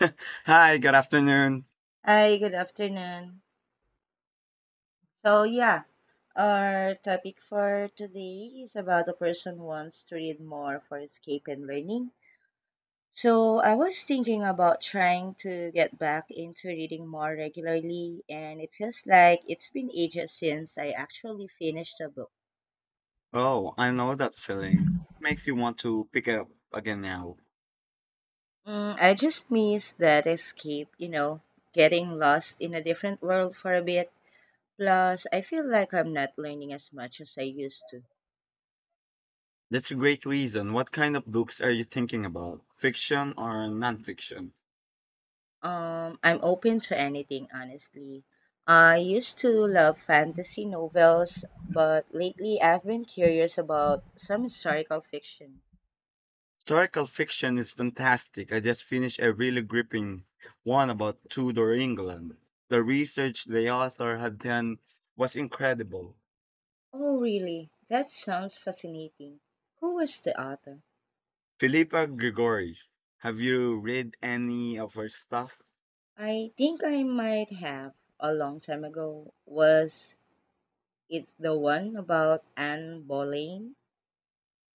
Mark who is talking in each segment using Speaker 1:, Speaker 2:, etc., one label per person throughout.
Speaker 1: Hi, good afternoon.
Speaker 2: Hi, good afternoon. So, yeah, our topic for today is about a person who wants to read more for escape and learning. So, I was thinking about trying to get back into reading more regularly, and it feels like it's been ages since I actually finished a book.
Speaker 1: Oh, I know that feeling. Makes you want to pick up again now.
Speaker 2: Mm, I just miss that escape, you know, getting lost in a different world for a bit. Plus, I feel like I'm not learning as much as I used to.
Speaker 1: That's a great reason. What kind of books are you thinking about? Fiction or nonfiction?
Speaker 2: I'm open to anything, honestly. I used to love fantasy novels, but lately I've been curious about some historical fiction.
Speaker 1: Historical fiction is fantastic. I just finished a really gripping one about Tudor England. The research the author had done was incredible.
Speaker 2: Oh, really? That sounds fascinating. Who was the author?
Speaker 1: Philippa Grigori, have you read any of her stuff?
Speaker 2: I think I might have a long time ago. Was it the one about Anne Boleyn?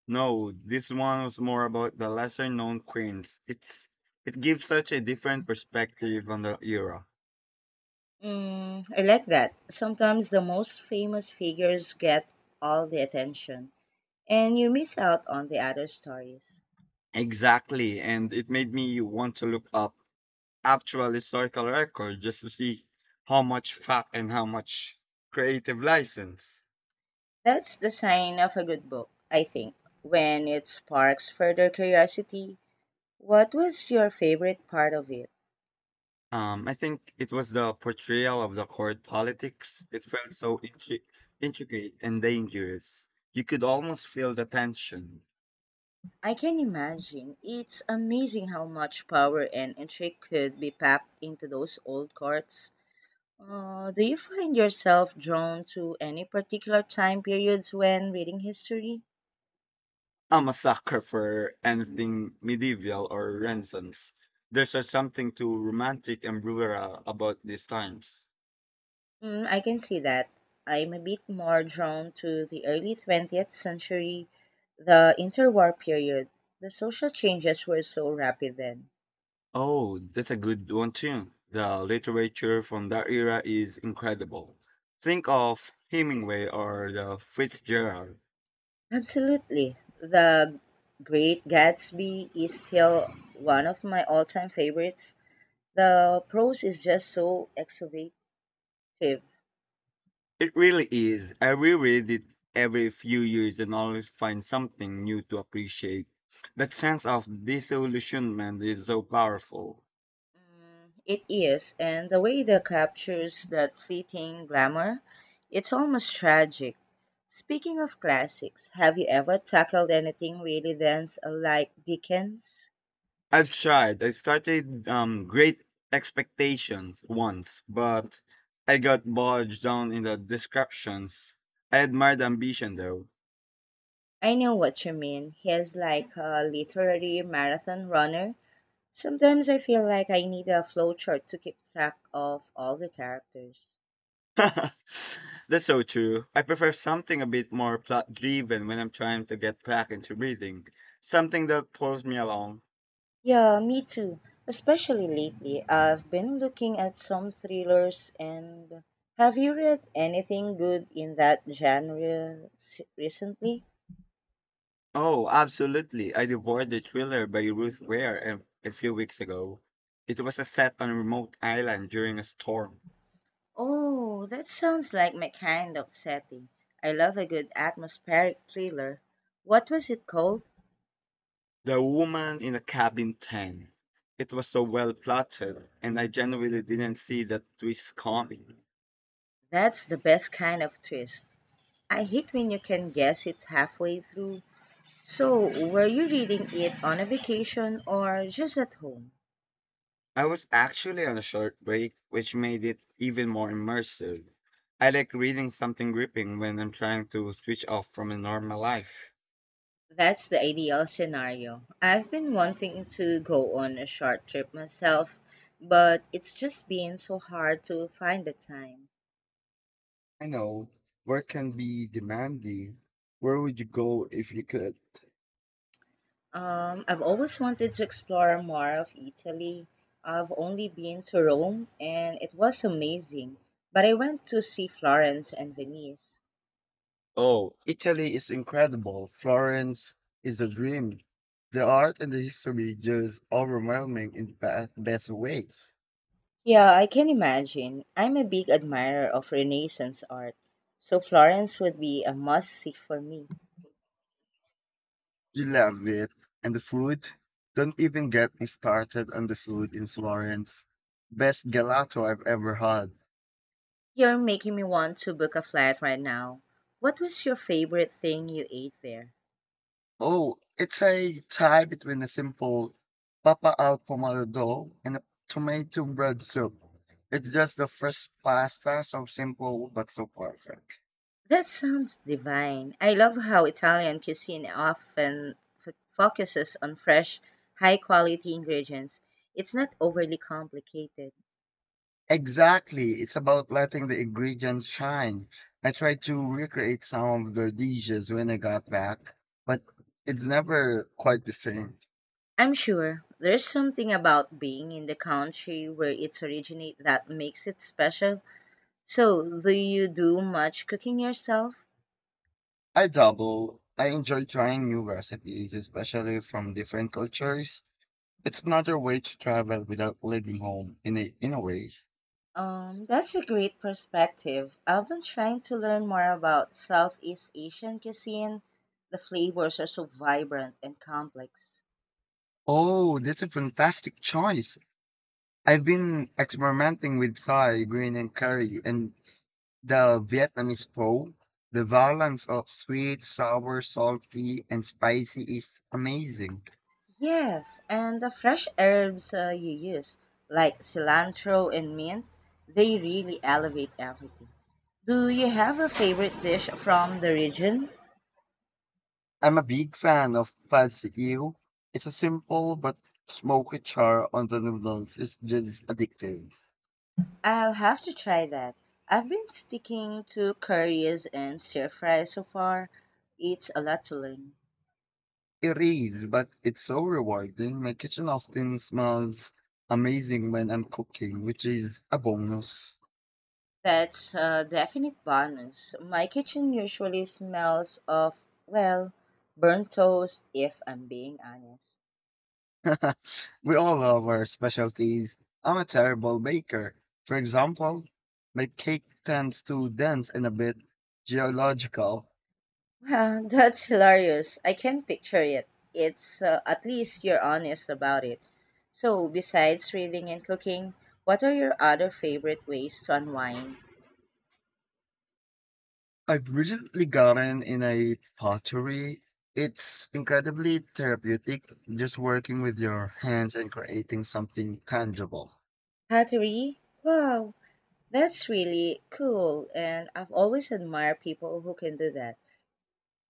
Speaker 1: No, this one was more about the lesser known queens. It gives such a different perspective on the era.
Speaker 2: Mm, I like that. Sometimes the most famous figures get all the attention, and you miss out on the other stories.
Speaker 1: Exactly, and it made me want to look up actual historical record just to see how much fact and how much creative license.
Speaker 2: That's the sign of a good book, I think, when it sparks further curiosity. What was your favorite part of it?
Speaker 1: I think it was the portrayal of the court politics. It felt so intricate and dangerous. You could almost feel the tension.
Speaker 2: I can imagine. It's amazing how much power and intrigue could be packed into those old courts. Do you find yourself drawn to any particular time periods when reading history?
Speaker 1: I'm a sucker for anything medieval or Renaissance. There's just something too romantic and rural about these times.
Speaker 2: Mm, I can see that. I'm a bit more drawn to the early 20th century, the interwar period. The social changes were so rapid then.
Speaker 1: Oh, that's a good one too. The literature from that era is incredible. Think of Hemingway or the Fitzgerald.
Speaker 2: Absolutely. The Great Gatsby is still one of my all time favorites. The prose is just so excavative.
Speaker 1: It really is. I reread it every few years and always find something new to appreciate. That sense of disillusionment is so powerful.
Speaker 2: It is, and the way that captures that fleeting glamour, it's almost tragic. Speaking of classics, have you ever tackled anything really dense like Dickens?
Speaker 1: I've tried. I started Great Expectations once, but I got bogged down in the descriptions. I admired the ambition though.
Speaker 2: I know what you mean. He is like a literary marathon runner. Sometimes I feel like I need a flowchart to keep track of all the characters.
Speaker 1: That's so true. I prefer something a bit more plot driven when I'm trying to get back into reading. Something that pulls me along.
Speaker 2: Yeah, me too. Especially lately, I've been looking at some thrillers and have you read anything good in that genre recently?
Speaker 1: Oh, absolutely. I devoured the thriller by Ruth Ware a few weeks ago. It was a set on a remote island during a storm.
Speaker 2: Oh, that sounds like my kind of setting. I love a good atmospheric thriller. What was it called?
Speaker 1: The Woman in the Cabin 10. It was so well plotted, and I genuinely didn't see the twist coming.
Speaker 2: That's the best kind of twist. I hate when you can guess it halfway through. So, were you reading it on a vacation or just at home?
Speaker 1: I was actually on a short break, which made it even more immersive. I like reading something gripping when I'm trying to switch off from a normal life.
Speaker 2: That's the ideal scenario. I've been wanting to go on a short trip myself, but it's just been so hard to find the time.
Speaker 1: I know, work can be demanding. Where would you go if you could?
Speaker 2: I've always wanted to explore more of Italy. I've only been to Rome and it was amazing, but I went to see Florence and Venice.
Speaker 1: Oh, Italy is incredible. Florence is a dream. The art and the history just overwhelming in the best way.
Speaker 2: Yeah, I can imagine. I'm a big admirer of Renaissance art, so Florence would be a must see for me.
Speaker 1: You love it. And the food? Don't even get me started on the food in Florence. Best gelato I've ever had.
Speaker 2: You're making me want to book a flight right now. What was your favorite thing you ate there?
Speaker 1: Oh, it's a tie between a simple papa al pomodoro and a tomato bread soup. It's just the first pasta, so simple but so perfect.
Speaker 2: That sounds divine. I love how Italian cuisine often focuses on fresh, high quality ingredients. It's not overly complicated.
Speaker 1: Exactly. It's about letting the ingredients shine. I tried to recreate some of the dishes when I got back, but it's never quite the same.
Speaker 2: I'm sure there's something about being in the country where it's originated that makes it special. So, do you do much cooking yourself?
Speaker 1: I double. I enjoy trying new recipes, especially from different cultures. It's another way to travel without leaving home in a way.
Speaker 2: That's a great perspective. I've been trying to learn more about Southeast Asian cuisine. The flavors are so vibrant and complex.
Speaker 1: Oh, that's a fantastic choice. I've been experimenting with Thai green and curry and the Vietnamese pho, the balance of sweet, sour, salty, and spicy is amazing.
Speaker 2: Yes, and the fresh herbs you use, like cilantro and mint, they really elevate everything. Do you have a favorite dish from the region?
Speaker 1: I'm a big fan of pad see ew. It's a simple but smoky char on the noodles. It's just addictive.
Speaker 2: I'll have to try that. I've been sticking to curries and stir fry so far. It's a lot to learn.
Speaker 1: It is, but it's so rewarding. My kitchen often smells amazing when I'm cooking, which is a bonus.
Speaker 2: That's a definite bonus. My kitchen usually smells of, well, burnt toast, if I'm being honest.
Speaker 1: We all love our specialties. I'm a terrible baker. For example, my cake tends to dance in a bit geological.
Speaker 2: Wow, that's hilarious. I can picture it. It's at least you're honest about it. So, besides reading and cooking, what are your other favorite ways to unwind?
Speaker 1: I've recently gotten in a pottery. It's incredibly therapeutic just working with your hands and creating something tangible.
Speaker 2: Pottery? Wow, that's really cool, and I've always admired people who can do that.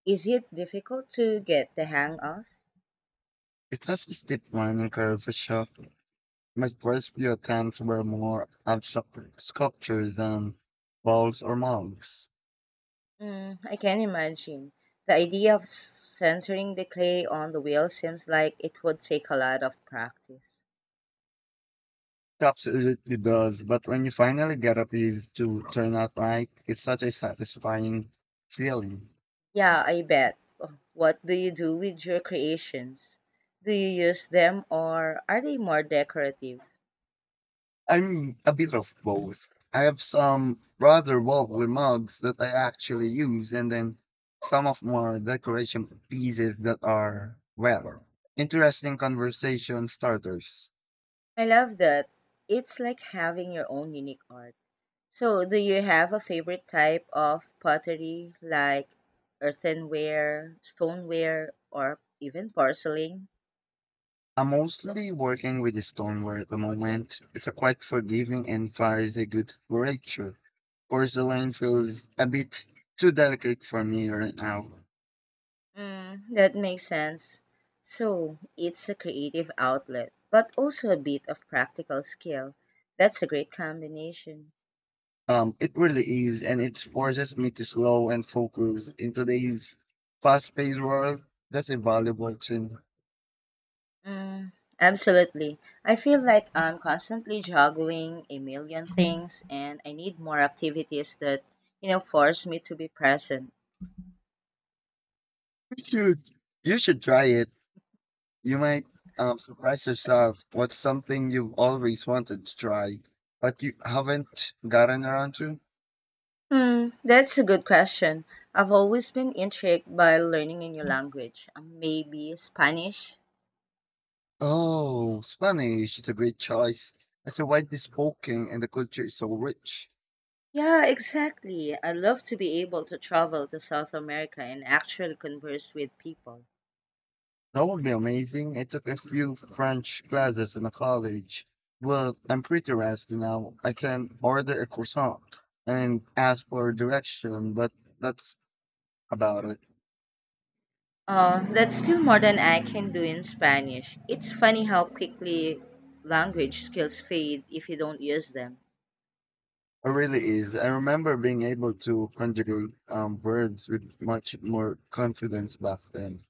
Speaker 2: Is it difficult to get the hang of?
Speaker 1: It has a steep learning curve for sure. My first few attempts were more abstract sculptures than balls or mugs.
Speaker 2: Mm, I can imagine. The idea of centering the clay on the wheel seems like it would take a lot of practice.
Speaker 1: It absolutely does, but when you finally get a piece to turn out right, it's such a satisfying feeling.
Speaker 2: Yeah, I bet. Oh, what do you do with your creations? Do you use them or are they more decorative?
Speaker 1: I'm a bit of both. I have some rather wobbly mugs that I actually use, and then some of more decoration pieces that are, well, interesting conversation starters.
Speaker 2: I love that. It's like having your own unique art. So, do you have a favorite type of pottery like earthenware, stoneware, or even porcelain?
Speaker 1: I'm mostly working with the stoneware at the moment. It's a quite forgiving and fires a good variety. Porcelain feels a bit too delicate for me right now.
Speaker 2: Mm, that makes sense. So it's a creative outlet, but also a bit of practical skill. That's a great combination.
Speaker 1: It really is, and it forces me to slow and focus in today's fast-paced world. That's a valuable thing.
Speaker 2: Mm, absolutely. I feel like I'm constantly juggling a million things and I need more activities that, you know, force me to be present.
Speaker 1: You should, you should try it. You might surprise yourself. What's something you've always wanted to try, but you haven't gotten around to?
Speaker 2: Hmm, that's a good question. I've always been intrigued by learning a new language, maybe Spanish.
Speaker 1: Oh, Spanish is a great choice. It's a widely spoken, and the culture is so rich.
Speaker 2: Yeah, exactly. I love to be able to travel to South America and actually converse with people.
Speaker 1: That would be amazing. I took a few French classes in a college. Well, I'm pretty rusty now. I can order a croissant and ask for direction, but that's about it.
Speaker 2: That's still more than I can do in Spanish. It's funny how quickly language skills fade if you don't use them.
Speaker 1: It really is. I remember being able to conjugate verbs with much more confidence back then.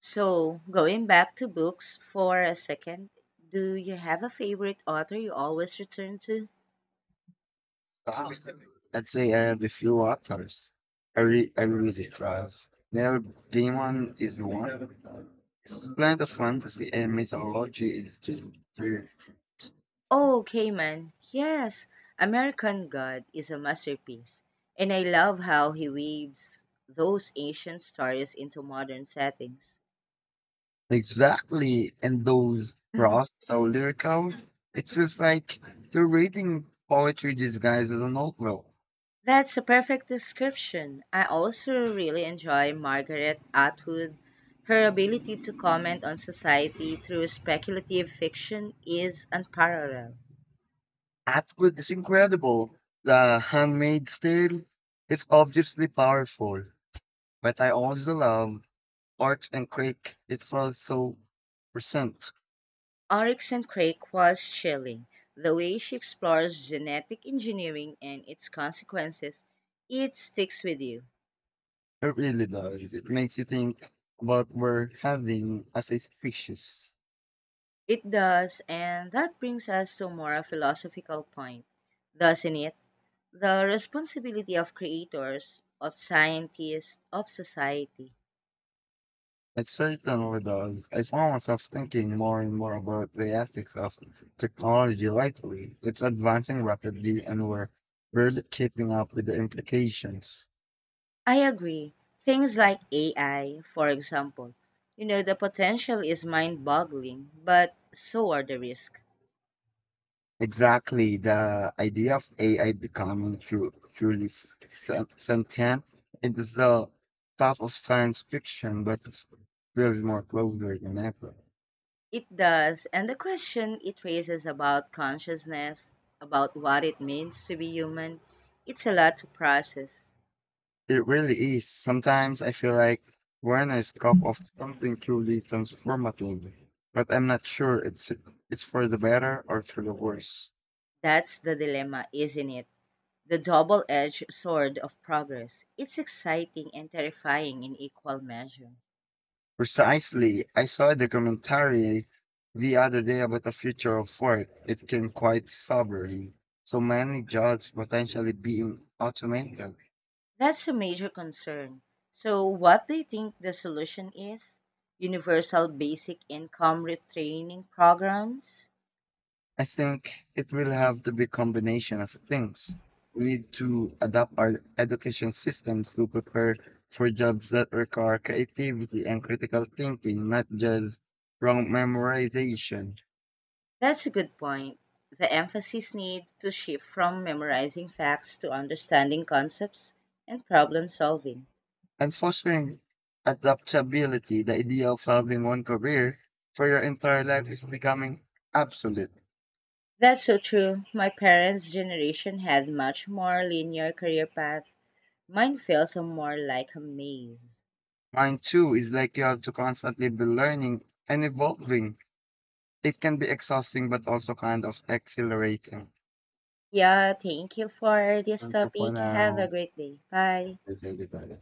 Speaker 2: So, going back to books for a second, do you have a favorite author you always return to?
Speaker 1: Wow. I'd say I have a few authors. I really trust. Neil Gaiman is one. Plant of Fantasy and Mythology is just brilliant.
Speaker 2: Oh, Cayman, yes, American God is a masterpiece, and I love how he weaves those ancient stories into modern settings.
Speaker 1: Exactly. And those raw, so lyrical, it feels like you're reading poetry disguised as a novel.
Speaker 2: That's a perfect description. I also really enjoy Margaret Atwood. Her ability to comment on society through speculative fiction is unparalleled.
Speaker 1: Atwood is incredible. The handmade style is obviously powerful, but I also love Art and Crick. It feels so present.
Speaker 2: Oryx and Crake was chilling. The way she explores genetic engineering and its consequences, it sticks with you.
Speaker 1: It really does. It makes you think about what we're having as a species.
Speaker 2: It does, and that brings us to more a philosophical point, doesn't it? The responsibility of creators, of scientists, of society.
Speaker 1: It certainly does. I found myself thinking more and more about the ethics of technology lately. It's advancing rapidly and we're barely keeping up with the implications.
Speaker 2: I agree. Things like AI, for example. You know, the potential is mind boggling, but so are the risks.
Speaker 1: Exactly. The idea of AI becoming truly sentient it is the top of science fiction, but it feels more closer than ever.
Speaker 2: It does, and the question it raises about consciousness, about what it means to be human, it's a lot to process.
Speaker 1: It really is. Sometimes I feel like we're in a of something truly transformative, but I'm not sure it's for the better or for the worse.
Speaker 2: That's the dilemma, isn't it? The double edged sword of progress. It's exciting and terrifying in equal measure.
Speaker 1: Precisely, I saw a documentary the other day about the future of work. It came quite sobering. So many jobs potentially being automated.
Speaker 2: That's a major concern. So, what do you think the solution is? Universal basic income retraining programs?
Speaker 1: I think it will have to be combination of things. We need to adapt our education systems to prepare for jobs that require creativity and critical thinking, not just wrong memorization.
Speaker 2: That's a good point. The emphasis needs to shift from memorizing facts to understanding concepts and problem solving.
Speaker 1: And fostering adaptability, the idea of having one career for your entire life is becoming obsolete.
Speaker 2: That's so true. My parents' generation had much more linear career path. Mine feels more like a maze.
Speaker 1: Mine too is like you have to constantly be learning and evolving. It can be exhausting but also kind of exhilarating.
Speaker 2: Yeah, thank you for this
Speaker 1: Thank you for
Speaker 2: topic. Have
Speaker 1: now.
Speaker 2: a great day. Bye.
Speaker 1: Is everybody.